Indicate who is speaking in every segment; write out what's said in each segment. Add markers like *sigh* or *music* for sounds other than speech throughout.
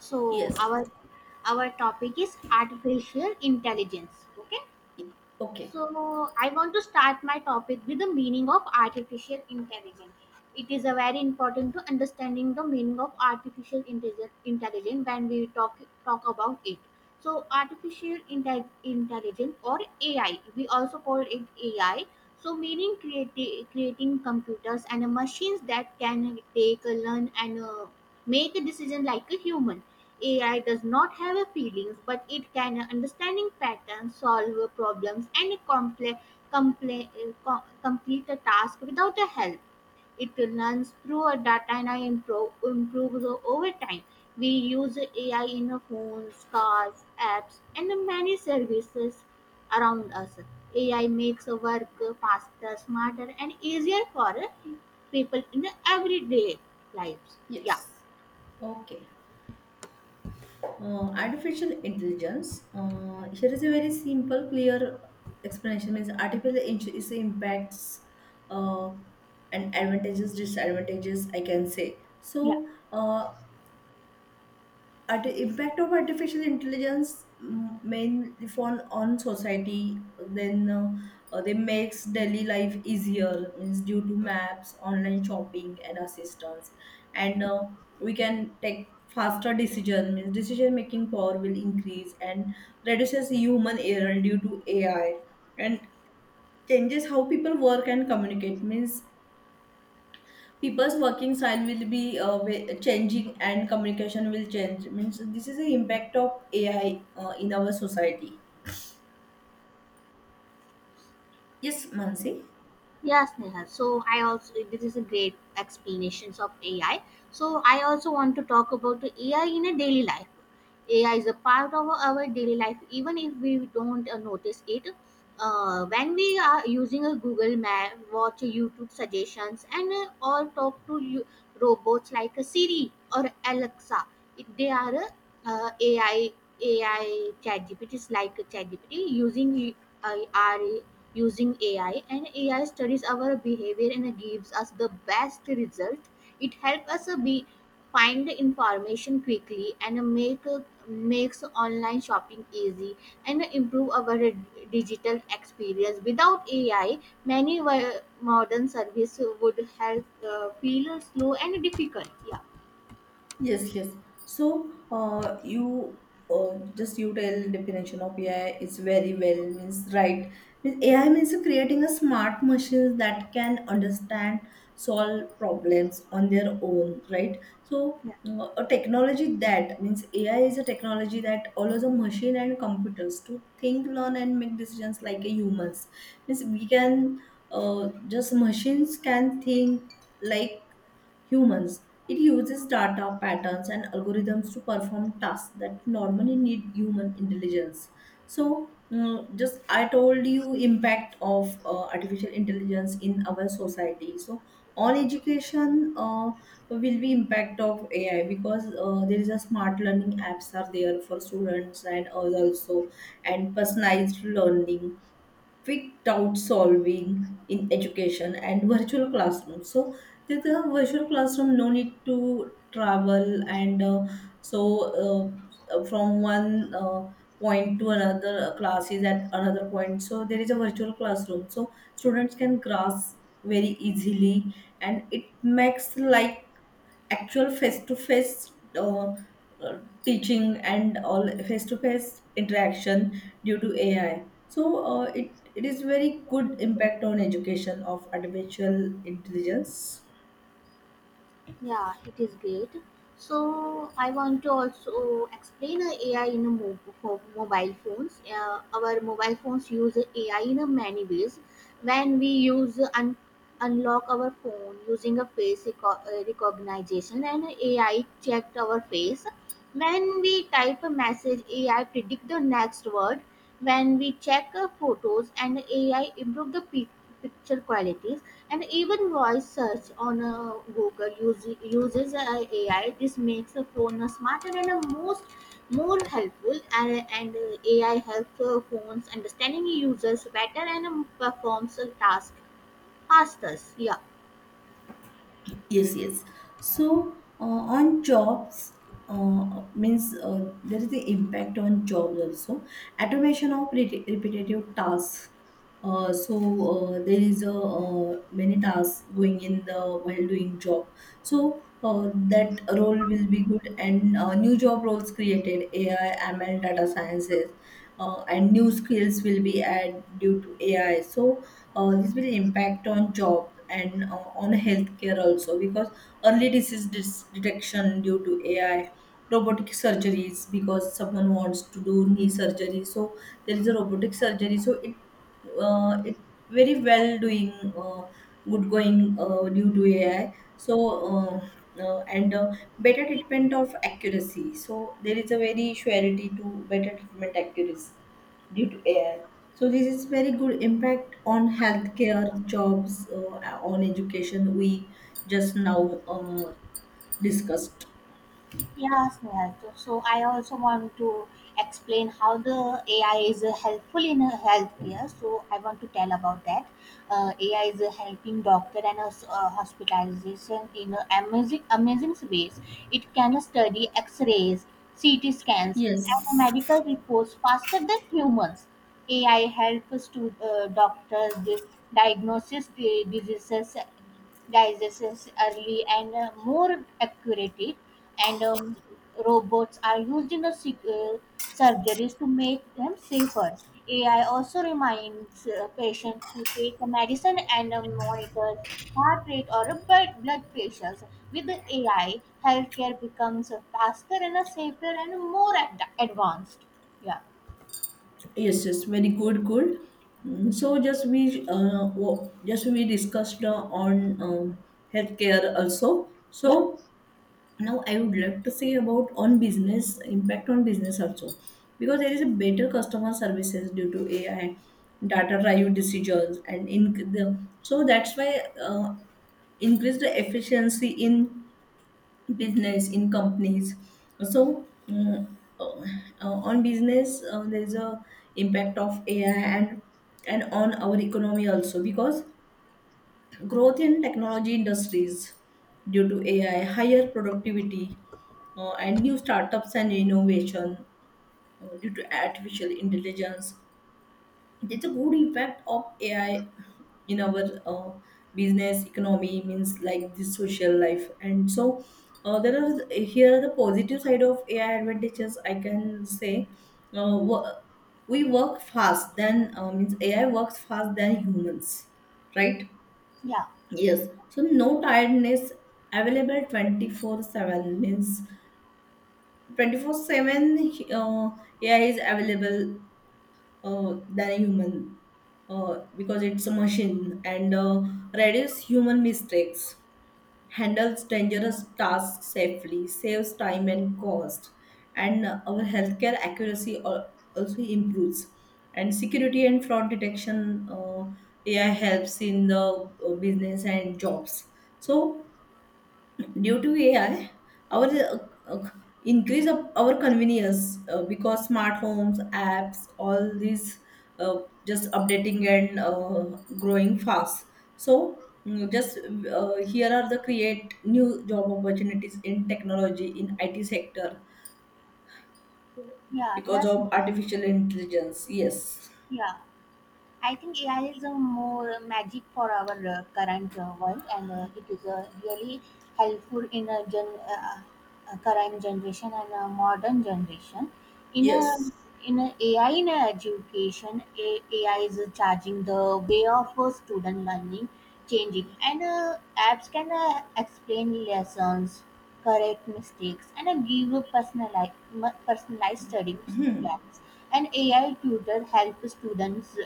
Speaker 1: So
Speaker 2: Yes.
Speaker 1: our topic is artificial intelligence. Okay.
Speaker 2: Okay.
Speaker 1: So I want to start my topic with the meaning of artificial intelligence. It is a very important to understanding the meaning of artificial intelligence when we talk about it. So artificial intelligence or AI, we also call it AI. So meaning creating computers and machines that can take, learn, and make a decision like a human. AI does not have a feelings, but it can understand patterns, solve problems, and complete a task without a help. It learns through a data and improves over time. We use AI in our phones, cars, apps, and many services around us. AI makes our work faster, smarter, and easier for people in everyday lives. Yeah,
Speaker 2: Yes. Okay. Artificial intelligence. Here is a very simple, clear explanation. Means artificial intelligence impacts uh, and advantages, disadvantages. I can say
Speaker 1: yeah.
Speaker 2: so. Uh, At the impact of artificial intelligence mainly on society, then they makes daily life easier means due to maps, online shopping and assistance, and we can take faster decision means decision making power will increase and reduces human error due to AI, and changes how people work and communicate means people's working style will be changing and communication will change means this is the impact of AI in our society. Yes, Mansi.
Speaker 1: Yes, Neha. So I also this is a great explanations of AI. So I also want to talk about the AI in a daily life. AI is a part of our daily life, even if we don't notice it. When we are using a Google Map, watch YouTube suggestions, and or talk to you, robots like a Siri or Alexa, they are AI. ChatGPT is like a ChatGPT using our using AI, and AI studies our behavior and gives us the best result. It helps us be find information quickly and makes online shopping easy and improve our digital experience. Without AI, many modern services would help feel slow and difficult. Yeah.
Speaker 2: Yes, yes. So, you just you tell definition of AI is very well means right. Means AI means creating a smart machine that can understand, solve problems on their own, right? So, a technology that means AI is a technology that allows a machine and computers to think, learn, and make decisions like a humans. Means we can just machines can think like humans. It uses data, patterns, and algorithms to perform tasks that normally need human intelligence. So, just I told you impact of artificial intelligence in our society. So, on education will be impact of AI because there is a smart learning apps are there for students and others also, and personalized learning, quick doubt solving in education and virtual classroom. So there's a virtual classroom, no need to travel, and so from one point to another, class is at another point, so there is a virtual classroom, so students can grasp very easily, and it makes life actual face-to-face uh, teaching and all face-to-face interaction due to AI. So it is very good impact on education of artificial intelligence.
Speaker 1: Yeah, it is great. So I want to also explain AI in a for mobile phones. Our mobile phones use AI in a many ways. When we use unlock our phone using a face recognition, and AI checked our face. When we type a message, AI predict the next word. When we check photos and AI improve the picture qualities, and even voice search on Google uses, uses AI. This makes a phone smarter and a most more helpful. And AI helps phones understanding users better, and performs a task faster. Yeah.
Speaker 2: Yes, yes. So on jobs, means there is the impact on jobs also. Automation of repetitive tasks. So, there is a many tasks going in the while doing job. So that role will be good, and new job roles created, AI, ML, data sciences, and new skills will be added due to AI. So this will impact on job, and on healthcare also, because early disease detection due to AI, robotic surgeries, because someone wants to do knee surgery, so there is a robotic surgery, so it very well doing, uh, good going due to AI. So uh, and better treatment of accuracy, so there is a very surety to better treatment accuracy due to AI. So this is very good impact on healthcare, jobs, on education. We just now discussed.
Speaker 1: Yes, Nehal. So I also want to explain how the AI is helpful in healthcare. So I want to tell about that. AI is helping doctor and hospitalization in amazing ways. It can study X-rays, CT scans, and
Speaker 2: Yes,
Speaker 1: medical reports faster than humans. AI helps to doctors diagnose the diseases diagnosis early and more accurate, and robots are used in the surgeries to make them safer. AI also reminds patients to take a medicine and monitor heart rate or blood pressures. With the AI, healthcare becomes faster and safer and more advanced. Yeah,
Speaker 2: yes, yes. Very good, good. So just we discussed on healthcare also.
Speaker 1: yeah,
Speaker 2: So now I would like to say about on business, impact on business also, because there is a better customer services due to AI, data driven decisions, and in the so that's why increase the efficiency in business in companies. So uh, uh, on business, there is a impact of AI, and on our economy also, because growth in technology industries due to AI, higher productivity, and new startups and innovation due to artificial intelligence. There's a good impact of AI in our business economy means like the social life. And so there are here are the positive side of AI advantages I can say. uh, wo- we work fast than means AI works fast than humans, right?
Speaker 1: yeah,
Speaker 2: Yes, so no tiredness, available 24/7 means 24/7, AI is available than a human because it's a machine, and reduce human mistakes, handles dangerous tasks safely, saves time and cost, and our healthcare accuracy also improves. And security and fraud detection, AI helps in the business and jobs. So due to AI, our uh, increase of our convenience, because smart homes, apps, all these uh, just updating and growing fast. So mm, just here are the create new job opportunities in technology in IT sector
Speaker 1: yeah,
Speaker 2: because
Speaker 1: yes,
Speaker 2: of artificial intelligence. Yes.
Speaker 1: yeah. I think AI is a more magic for our current world, and it is really helpful in a gen current generation and a modern generation. In a
Speaker 2: Yes.
Speaker 1: in a AI in a education, AI is charging the way of student learning, changing, and apps can explain lessons, correct mistakes, and give a personalized study plans. And AI tutor help students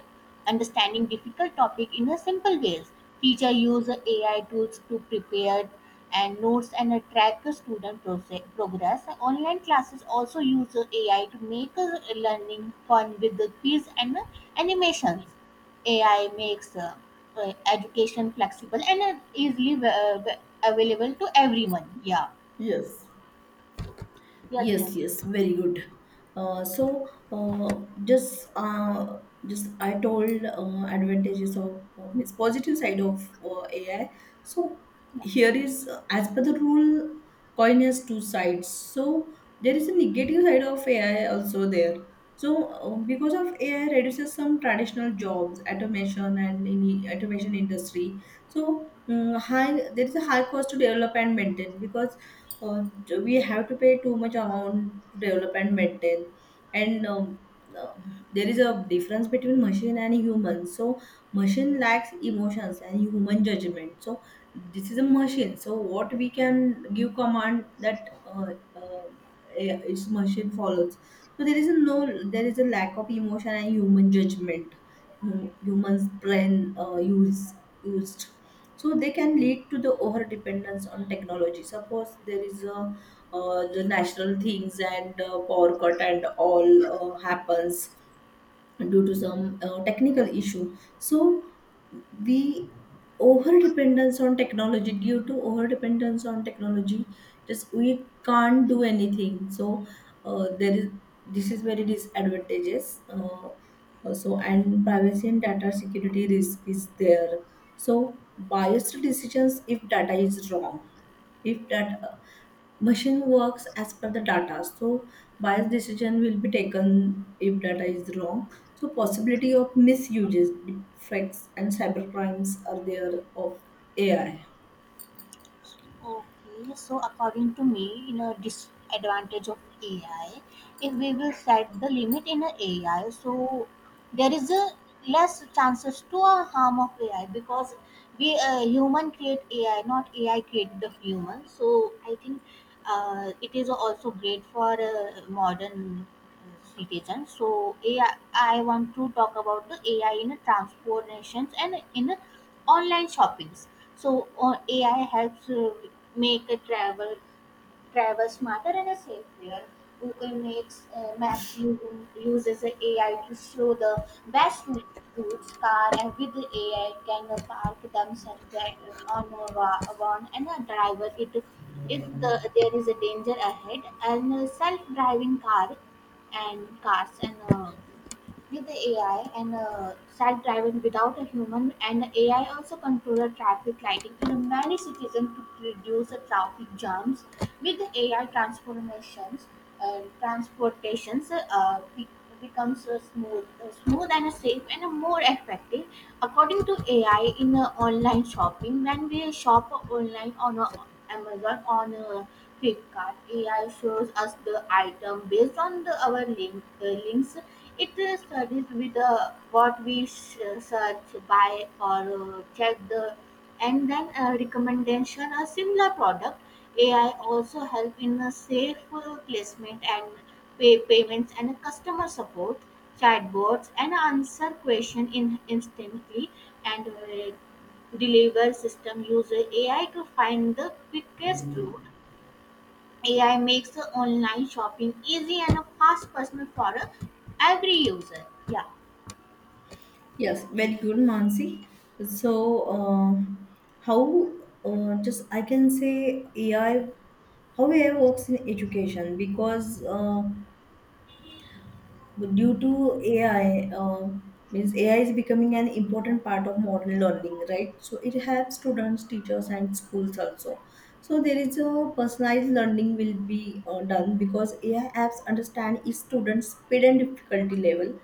Speaker 1: understanding difficult topic in a simple ways. Teacher use AI tools to prepare and notes and track the student progress. Online classes also use AI to make learning fun with the quiz and animations. AI makes education flexible and easily available to everyone. Yeah.
Speaker 2: Yes.
Speaker 1: Yes, ma'am.
Speaker 2: Yes, yes, very good. So, just I told advantages of means positive side of AI. So here is, as per the rule, coin has two sides. So there is a negative side of AI also there. So because of AI reduces some traditional jobs, automation and in the automation industry. So high there is a high cost to develop and maintain, because uh, we have to pay too much amount to develop and maintain, and uh, there is a difference between machine and human, so machine lacks emotions and human judgment, so this is a machine, so what we can give command that uh, its machine follows, so there is a no, there is a lack of emotion and human judgment. Humans brain use used, so they can lead to the over dependence on technology. Suppose there is a the national things, and power cut and all happens due to some technical issue. So we over dependence on technology, due to over dependence on technology, just we can't do anything. So there is, this is very disadvantages, so, and privacy and data security risk is there, so biased decisions if data is wrong, if that machine works as per the data, so biased decision will be taken if data is wrong. So possibility of misuses, defects and cyber crimes are there of AI.
Speaker 1: Okay, so according to me, in a disadvantage of AI, if we will set the limit in a AI, so there is a less chances to a harm of AI because we human create AI, not AI create the human. So I think it is also great for modern citizens. So AI, I want to talk about the AI in a transportations and in a online shoppings. So AI helps make a travel smarter and safer. Google makes Maps uses AI to show the best routes. Car and with the AI can park themselves on a one and a driver it, if there is a danger ahead, and self-driving car and cars and with the AI and self-driving without a human, and AI also control the traffic lighting in many cities and to reduce the traffic jams. With the AI transformations, transportations becomes smooth and a safe and a more effective. According to AI, in online shopping, when we shop online on Amazon on Flipkart, AI shows us the item based on the our links. It studies with what we search, buy, or check the, and then recommendation a similar product. AI also help in a safe placement and payments and customer support, chatbots and answer question in instantly, and deliver system user AI to find the quickest route. AI makes the online shopping easy and a fast personal for every user. Yeah.
Speaker 2: Yes, very good, Mansi. So uh, how, just I can say AI, how AI works in education. Because but due to AI, means AI is becoming an important part of modern learning, right? So it helps students, teachers, and schools also. So there is a personalized learning will be done, because AI apps understand each student's speed and difficulty level.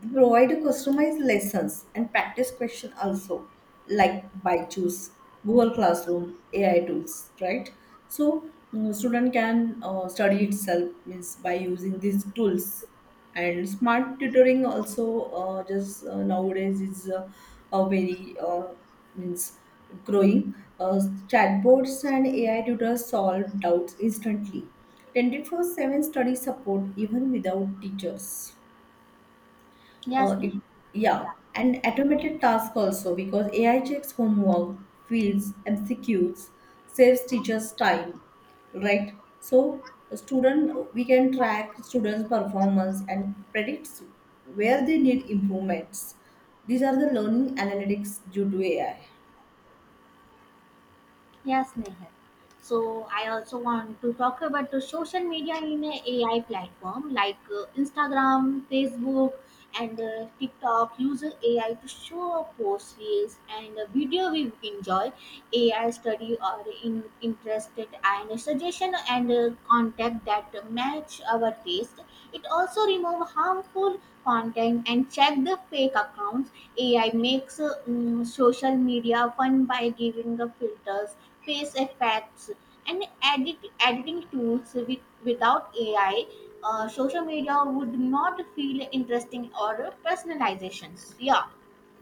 Speaker 2: They provide customized lessons and practice question also, like ByJu's, Google Classroom, AI tools, right? So student can study itself means by using these tools. And smart tutoring also just nowadays is a very, means growing, chatbots and AI tutors solve doubts instantly, 24/7 study support even without teachers. uh,
Speaker 1: Yes, Nick.
Speaker 2: it- yeah,
Speaker 1: Yeah.
Speaker 2: and automated task also, because AI checks homework, fields, MCQs, saves teachers time, right? So student, we can track students' performance and predicts where they need improvements. These are the learning analytics due to AI.
Speaker 1: Yes, Nehal. So I also want to talk about the social media in a AI platform like Instagram, Facebook, and TikTok uses AI to show up post reels and video we enjoy. AI study or interested and suggestion and contact that match our taste. It also remove harmful content and check the fake accounts. AI makes social media fun by giving the filters, face effects, and editing tools. Without AI, social media would not feel interesting or personalizations. Yeah.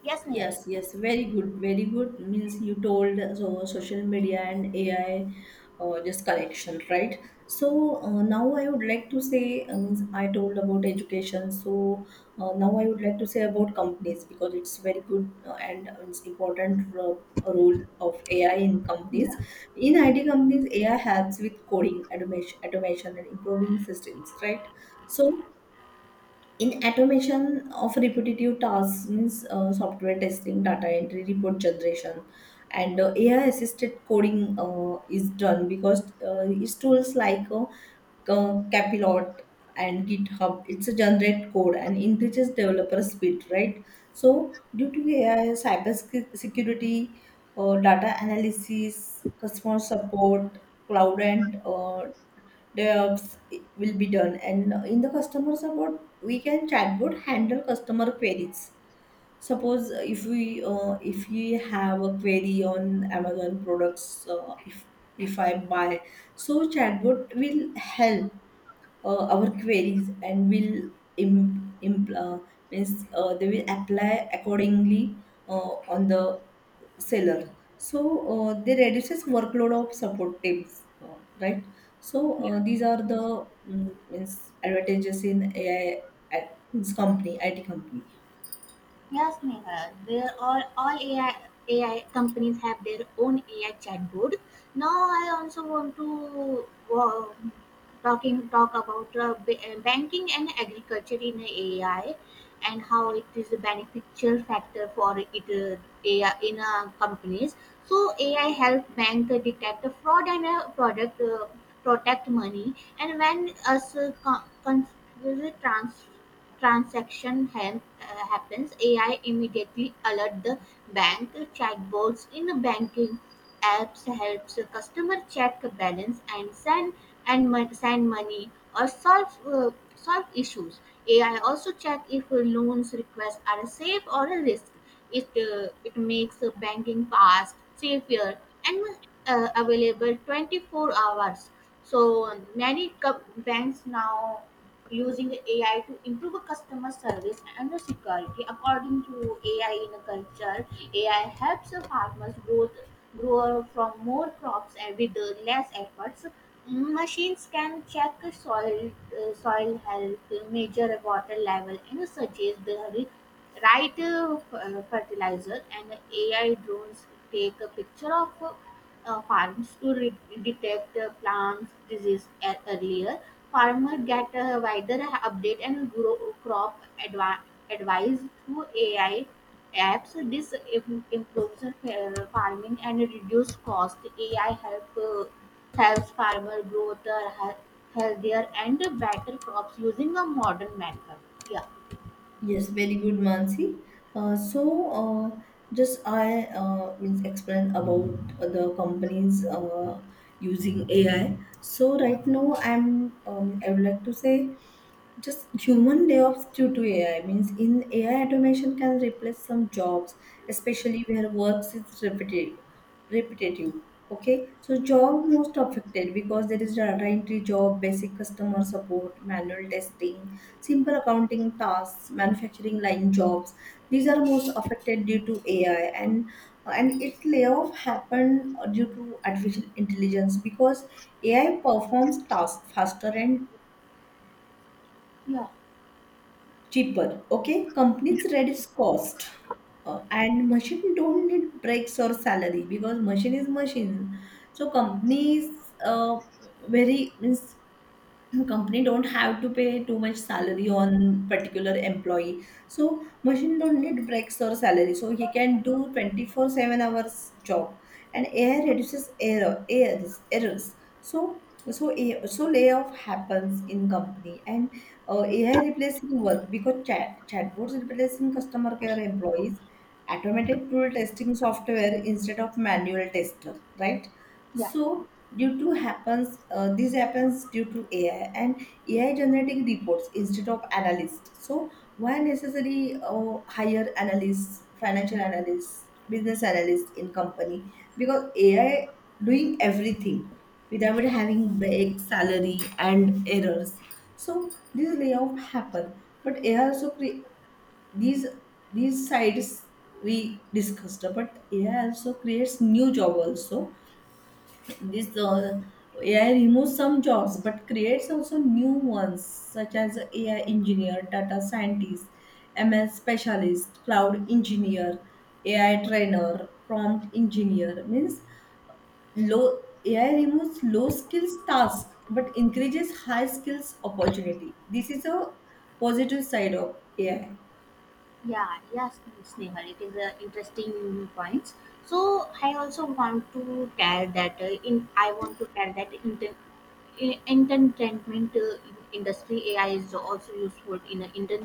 Speaker 1: Yes, Nehal.
Speaker 2: Yes, yes, very good, very good. Means you told us over social media and AI, just correction, right? So now I would like to say, means I told about education. So now I would like to say about companies, because it's very good and it's important role of AI in companies.
Speaker 1: Yeah.
Speaker 2: In IT companies, AI helps with coding, automation and improving systems, right? So in automation of repetitive tasks means software testing, data entry, report generation, and AI assisted coding is done, because its tools like capilot and github it's a generate code and increases developer speed, right? So due to AI, cyber security, data analysis, customer support, cloud, and DevOps will be done. And in the customer support, we can chatbot handle customer queries. Suppose if we have a query on Amazon products, if I buy, so chatbot will help our queries, and will im, im, uh, means they will apply accordingly on the seller. So they reduces workload of support teams, right? So these are the, means advantages in AI at, means company IT company.
Speaker 1: Yes, Meghal. Where all AI companies have their own AI chatbot. Now I also want to uh, talk about banking and agriculture in AI, and how it is a beneficial factor for it, AI in companies. So AI help bank detect the fraud and product protect money. And when us transfer transaction happens, AI immediately alerts the bank. Chatbots in banking apps helps customer check balance and send money or solve issues. AI also check if loans requests are safe or a risk. It makes the banking fast, safer, and available 24 hours. So many banks now using AI to improve customer service and security. According to AI in a culture, AI helps farmers grow from more crops and with less efforts. Machines can check soil health, measure water level, and suggest the right fertilizer. And AI drones take a picture of farms to detect plants disease earlier. Farmer get a wider update and grow crop advice through AI apps. This improves farming and reduce cost. AI helps farmer grow the healthier and better crops using a modern method. Yeah,
Speaker 2: Yes, very good, Mansi. So, uh, just I means explain about the companies using AI. So right now, I would like to say just human layoffs due to AI means in AI automation can replace some jobs, especially where work is repetitive. Okay, so job most affected because there is data entry job, basic customer support, manual testing, simple accounting tasks, manufacturing line jobs. These are most affected due to AI, and its layoff happened due to artificial intelligence because AI performs tasks faster and
Speaker 1: yeah,
Speaker 2: cheaper. Okay, companies reduce cost, and machine don't need breaks or salary because machine is machine. So companies very means company don't have to pay too much salary on particular employee. So machine don't need breaks or salary, so he can do 24/7 hours job. And AI reduces errors. so so layoff happens in company, and AI replacing work because chatbots replacing customer care employees, automated tool testing software instead of manual tester, right?
Speaker 1: yeah.
Speaker 2: So this happens due to AI, and AI generating reports instead of analysts. So why necessary hire analysts, financial analysts, business analysts in company? Because AI doing everything without having break, salary and errors. So this layoff happen, but AI also create these these sides we discussed, but AI also creates new job also. This AI removes some jobs but creates also new ones such as AI engineer, data scientist, ML specialist, cloud engineer, AI trainer, prompt engineer. Means low AI removes low skills tasks but increases high skills opportunity. This is a positive side of AI.
Speaker 1: Yeah, yes, Snehal, it is a interesting points. So I also want to tell that in I want to tell that entertainment industry AI is also useful in a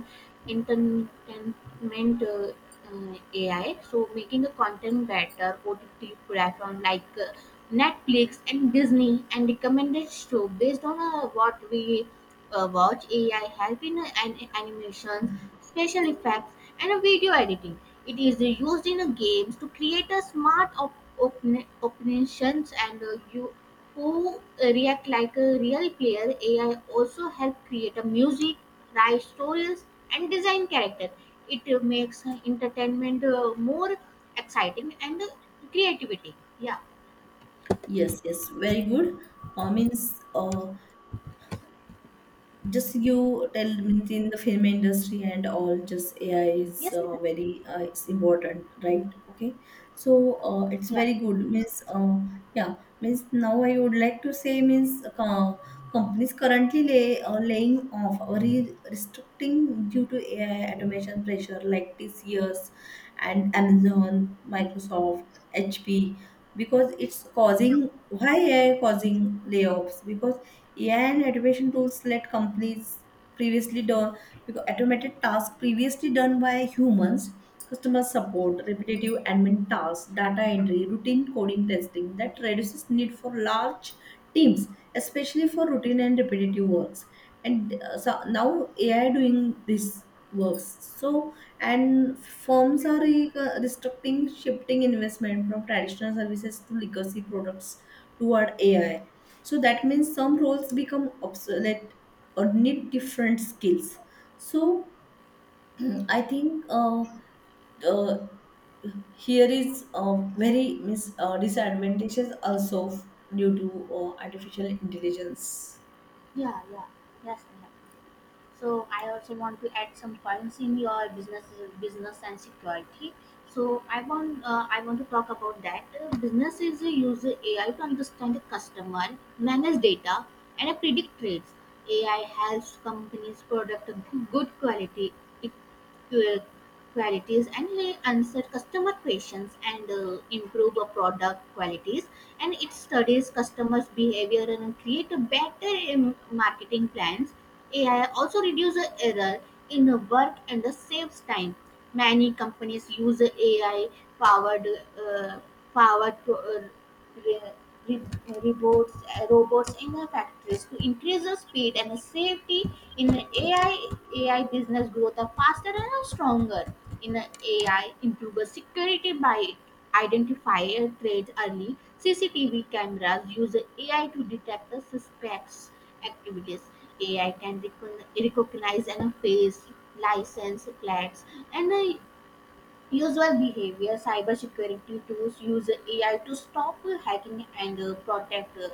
Speaker 1: entertainment AI. So making the content better, OTT platform, like Netflix and Disney, and recommended show based on what we watch. AI help in animations, special effects, and video editing. It is used in games to create a smart operations and you who react like a real player. AI also help create a music, write stories, and design character. It makes entertainment more exciting and creativity. Yeah.
Speaker 2: Yes, yes, very good. Means just you tell means in the film industry and all, just AI is
Speaker 1: Yes,
Speaker 2: uh,
Speaker 1: ma'am.
Speaker 2: very uh, it's important, right? Okay, so it's
Speaker 1: Yeah,
Speaker 2: very good means yeah now I would like to say means companies currently laying off or restricting due to AI automation pressure like TCS and Amazon, Microsoft, HP, because it's causing, why AI causing layoffs, because AI and automation tools let companies previously done because automated tasks previously done by humans, customer support, repetitive admin tasks, data entry, routine coding testing, that reduces need for large teams, especially for routine and repetitive works. And so now AI doing this works. So and firms are restricting, shifting investment from traditional services to legacy products toward AI. So that means some roles become obsolete or need different skills. So *clears throat* I think uh, here is very disadvantages also due to artificial intelligence.
Speaker 1: yeah, yeah. Yes, y e a h. So I also want to add some points in your business and security. So I want to talk about that. Businesses use AI to understand the customer, manage data, and predict trends. AI helps companies product good quality uh, qualities, and they answer customer questions and improve a product qualities. And it studies customers behavior and create a better marketing plans. AI also reduces error in the work and the saves time. Many companies use AI powered uh, powered re- re- robots in the factories to increase the speed and the safety. In the AI business growth are faster and are stronger. In the AI, the security by identifying trades early. CCTV cameras use AI to detect the suspects activities. AI can recognize and face license plates and the usual behavior. Cybersecurity tools use AI to stop hacking and protect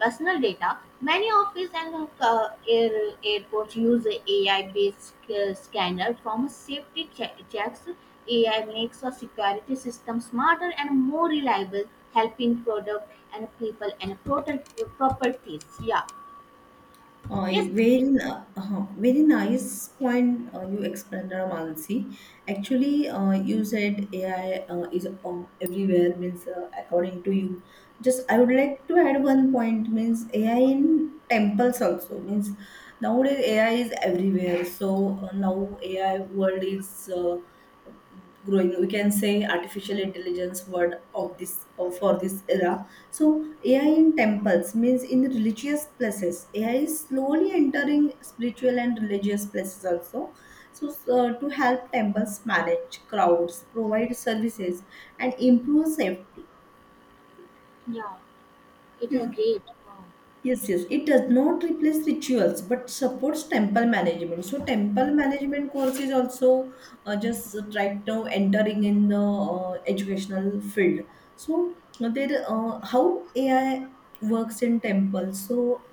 Speaker 1: personal data. Many office and airports use AI-based scanner from safety checks. AI makes a security system smarter and more reliable, helping product and people and protect properties. Yeah.
Speaker 2: Uh,
Speaker 1: Yes.
Speaker 2: Very nice point you explained, Mansi. Actually, you said AI is everywhere, means according to you. Just I would like to add one point, means AI in temples also, means nowadays AI is everywhere. So now AI world is growing. We can say artificial intelligence word of this for this era. So AI in temples means in religious places, AI is slowly entering spiritual and religious places also. So to help temples manage crowds, provide services and improve safety.
Speaker 1: Yeah. It is great. Wow.
Speaker 2: Yes, yes. It does not replace rituals, but supports temple management. So temple management course is also just right now entering in the educational field. So how AI works in temples. So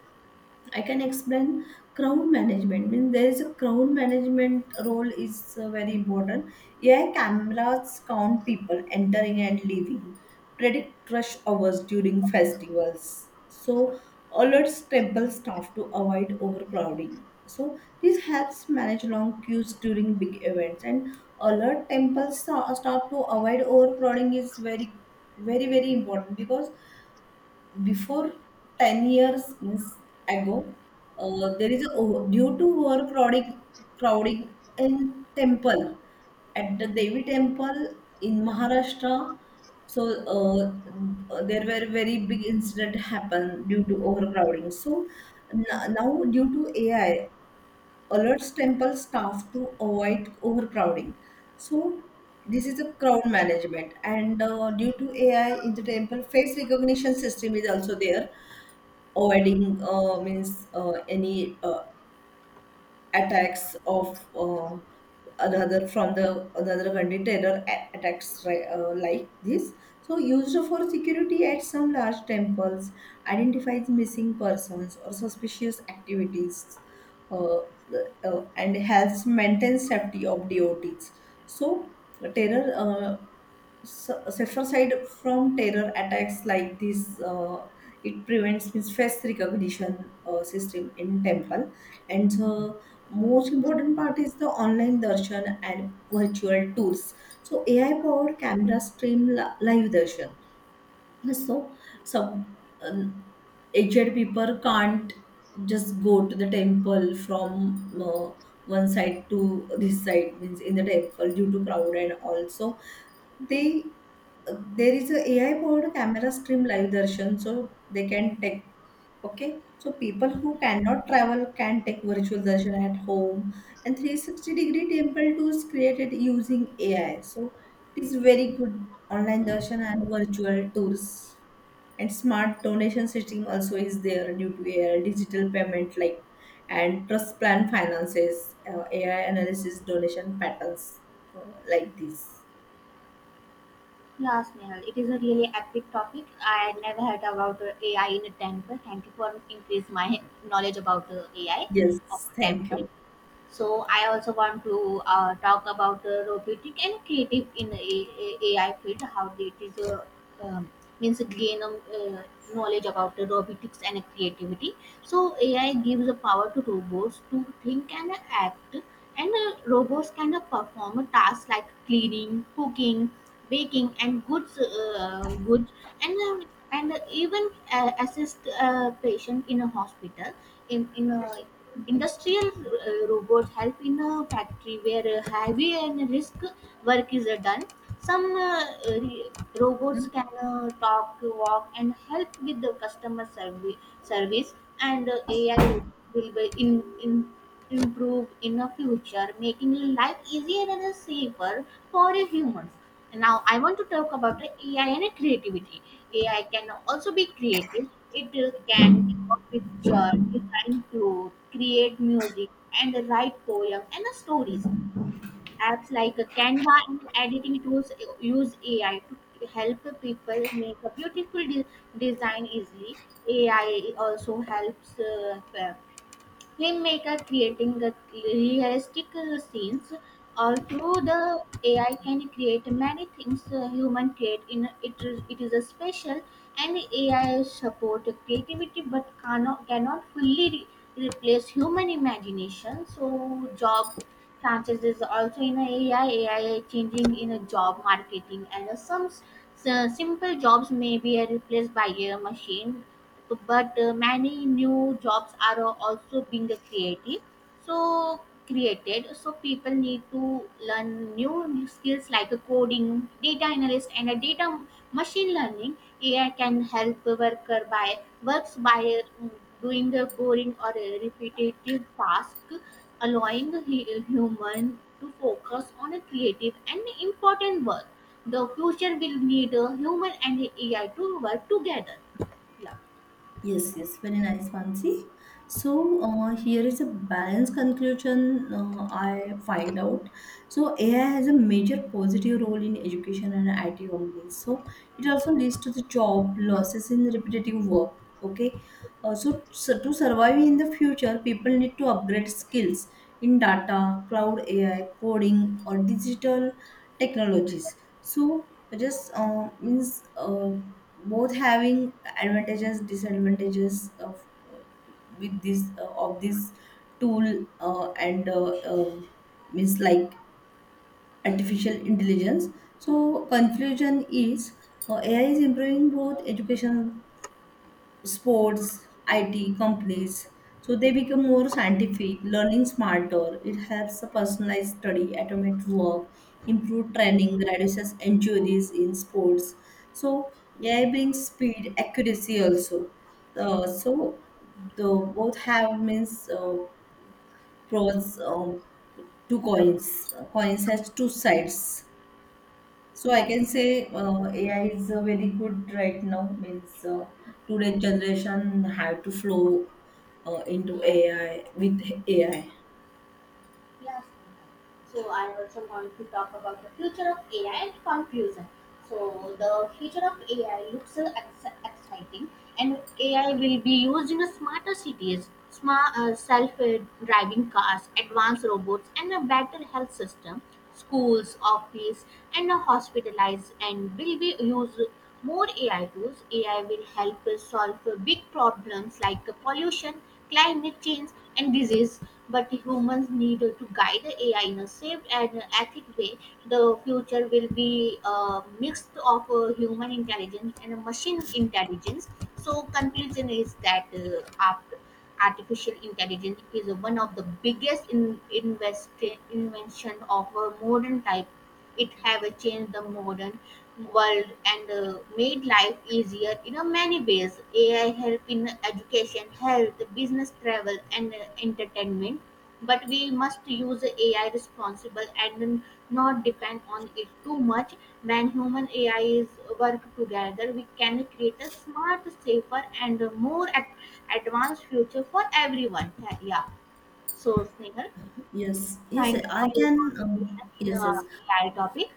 Speaker 2: I can explain crowd management. Means there is a crowd management role is very important. AI cameras count people entering and leaving, predict rush hours during festivals. So alerts temple staff to avoid overcrowding. So this helps manage long queues during big events, and alert temple staff to avoid overcrowding is very, very, very important because before 10 years means ago, there is a due to overcrowding crowding in temple at the Devi temple in Maharashtra. So there were very big incident happen due to overcrowding. So now due to AI alerts temple staff to avoid overcrowding. So this is a crowd management, and due to AI in the temple, face recognition system is also there, avoiding means any attacks of uh, another from the another country terror attacks like this. So used for security at some large temples, identifies missing persons or suspicious activities, and helps maintain safety of devotees. So terror uh, safer side from terror attacks like this, it prevents, means face recognition system in temple, and most important part is the online darshan and virtual tools. So AI powered camera stream live darshan. So some aged people can't just go to the temple from one side to this side means in the temple due to crowd, and also they there is a AI powered camera stream live darshan, so they can take. Okay, so people who cannot travel can take virtual darshan at home, and 360 degree temple tours created using AI, so it is very good. Online darshan and virtual tours, and smart donation system also is there due to AI, digital payment like and trust plan finances. AI analysis donation patterns, uh, like this.
Speaker 1: Yes, Nehal, it is a really epic topic. I never heard about AI in a temple. Thank you for increase my knowledge about AI
Speaker 2: Yes,
Speaker 1: of
Speaker 2: thank
Speaker 1: temple.
Speaker 2: you.
Speaker 1: So I also want to talk about robotic and creative in AI field, how it is um, means gain knowledge about the robotics and creativity. So AI gives the power to robots to think and act, and robots can perform tasks like cleaning, cooking, baking, and goods, goods, and um and even assist a patient in a hospital in a Industrial robots help in a factory where heavy and risk work is done. Some robots can talk, walk, and help with the customer service. Service and AI robots will be in improve in the future, making life easier and safer for humans. Now, I want to talk about the AI and creativity. AI can also be creative. It can draw picture, design clothes, create music, and write poems and stories. Apps like Canva and editing tools use AI to help people make a beautiful design easily. AI also helps filmmaker creating a realistic scenes or through the AI can create many things human create in it, it is a special. And AI support creativity but cannot fully replace human imagination. So job chances is also in a AI changing in a job marketing and so simple jobs may be replaced by a machine, but many new jobs are also being created. So created, so people need to learn new skills like coding, data analyst, and data machine learning. AI can help worker by works by doing the boring or repetitive task, allowing the human to focus on a creative and important work. The future will need human and AI to work together. Yeah.
Speaker 2: Yes, yes, very nice, Mansi. So here is a balanced conclusion I find out. So AI has a major positive role in education and IT companies. So it also leads to the job losses in repetitive work. Okay, so to survive in the future, people need to upgrade skills in data, cloud AI, coding, or digital technologies. So just means both having advantages disadvantages of with this of this tool and means like artificial intelligence. So conclusion is AI is improving both education, sports, IT companies. So they become more scientific, learning smarter. It helps the personalized study, automate work, improve training, reduces injuries in sports. So AI brings speed, accuracy also. So the both have means pros two coins. Coins has two sides. So I
Speaker 1: Yeah.
Speaker 2: can say AI is very good right now. Means today generation have to flow into AI with AI.
Speaker 1: Yes. So I also want to talk about the future of AI and confusion. So the future of AI looks exciting, and AI will be used in smarter cities, smart self-driving cars, advanced robots, and a better health system, schools, office, and hospitalized, and will be use more AI tools. AI will help us solve big problems like pollution, climate change, and disease. But humans need to guide the AI in a safe and ethical way. The future will be a mix of human intelligence and machine intelligence. So conclusion is that after artificial intelligence is one of the biggest invention of a modern type. It have changed the modern world and made life easier in a many ways. AI help in education, health, business, travel, and entertainment. But we must use AI responsible and not depend on it too much. When human AI is work together, we can create a smart, safer, and more advanced future for everyone. Yeah. So, Snehal,
Speaker 2: Yes, yes,
Speaker 1: thank you
Speaker 2: I
Speaker 1: for your
Speaker 2: can.
Speaker 1: contribution in
Speaker 2: Yes, yes.
Speaker 1: AI topic.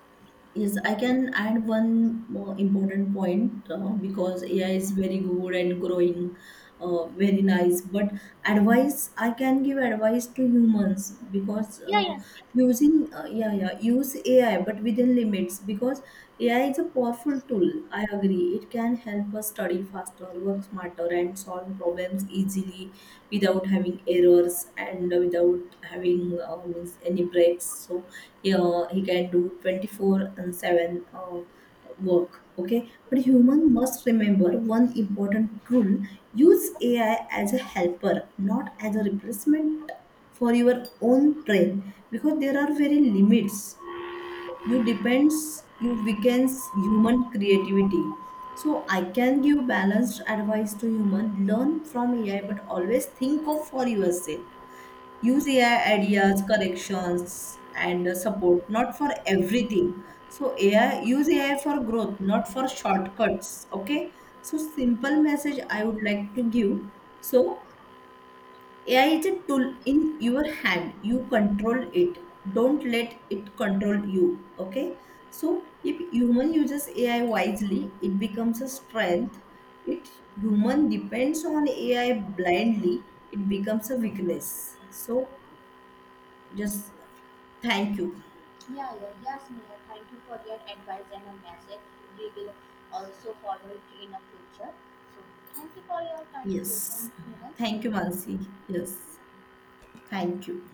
Speaker 2: Yes, I can add one more important point because AI is very good and growing, very nice. But advice, I can give advice to humans because
Speaker 1: Yeah, yes. Yes.
Speaker 2: using yeah yeah use AI but within limits because AI is a powerful tool. I agree. It can help us study faster, work smarter, and solve problems easily without having errors and without having means any breaks. So yeah, he can do 24/7 work. Okay, but human must remember one important rule. Use AI as a helper, not as a replacement for your own brain, because there are very limits. You depends, you weakens human creativity. So I can give balanced advice to human: learn from AI, but always think of for yourself. Use AI ideas, corrections and support, not for everything. So AI, use AI for growth, not for shortcuts. Okay, so simple message I would like to give. So AI is a tool in your hand. You control it. Don't let it control you. Okay. So if human uses AI wisely, it becomes a strength. If human depends on AI blindly, it becomes a weakness. So just thank you.
Speaker 1: Yeah, yeah, yes, Mia. Thank you for your advice and a message. We will also follow it in the future. So, thank you for your
Speaker 2: Yes.
Speaker 1: contribution, Mia.
Speaker 2: Thank you, Mansi. Yes. Thank you.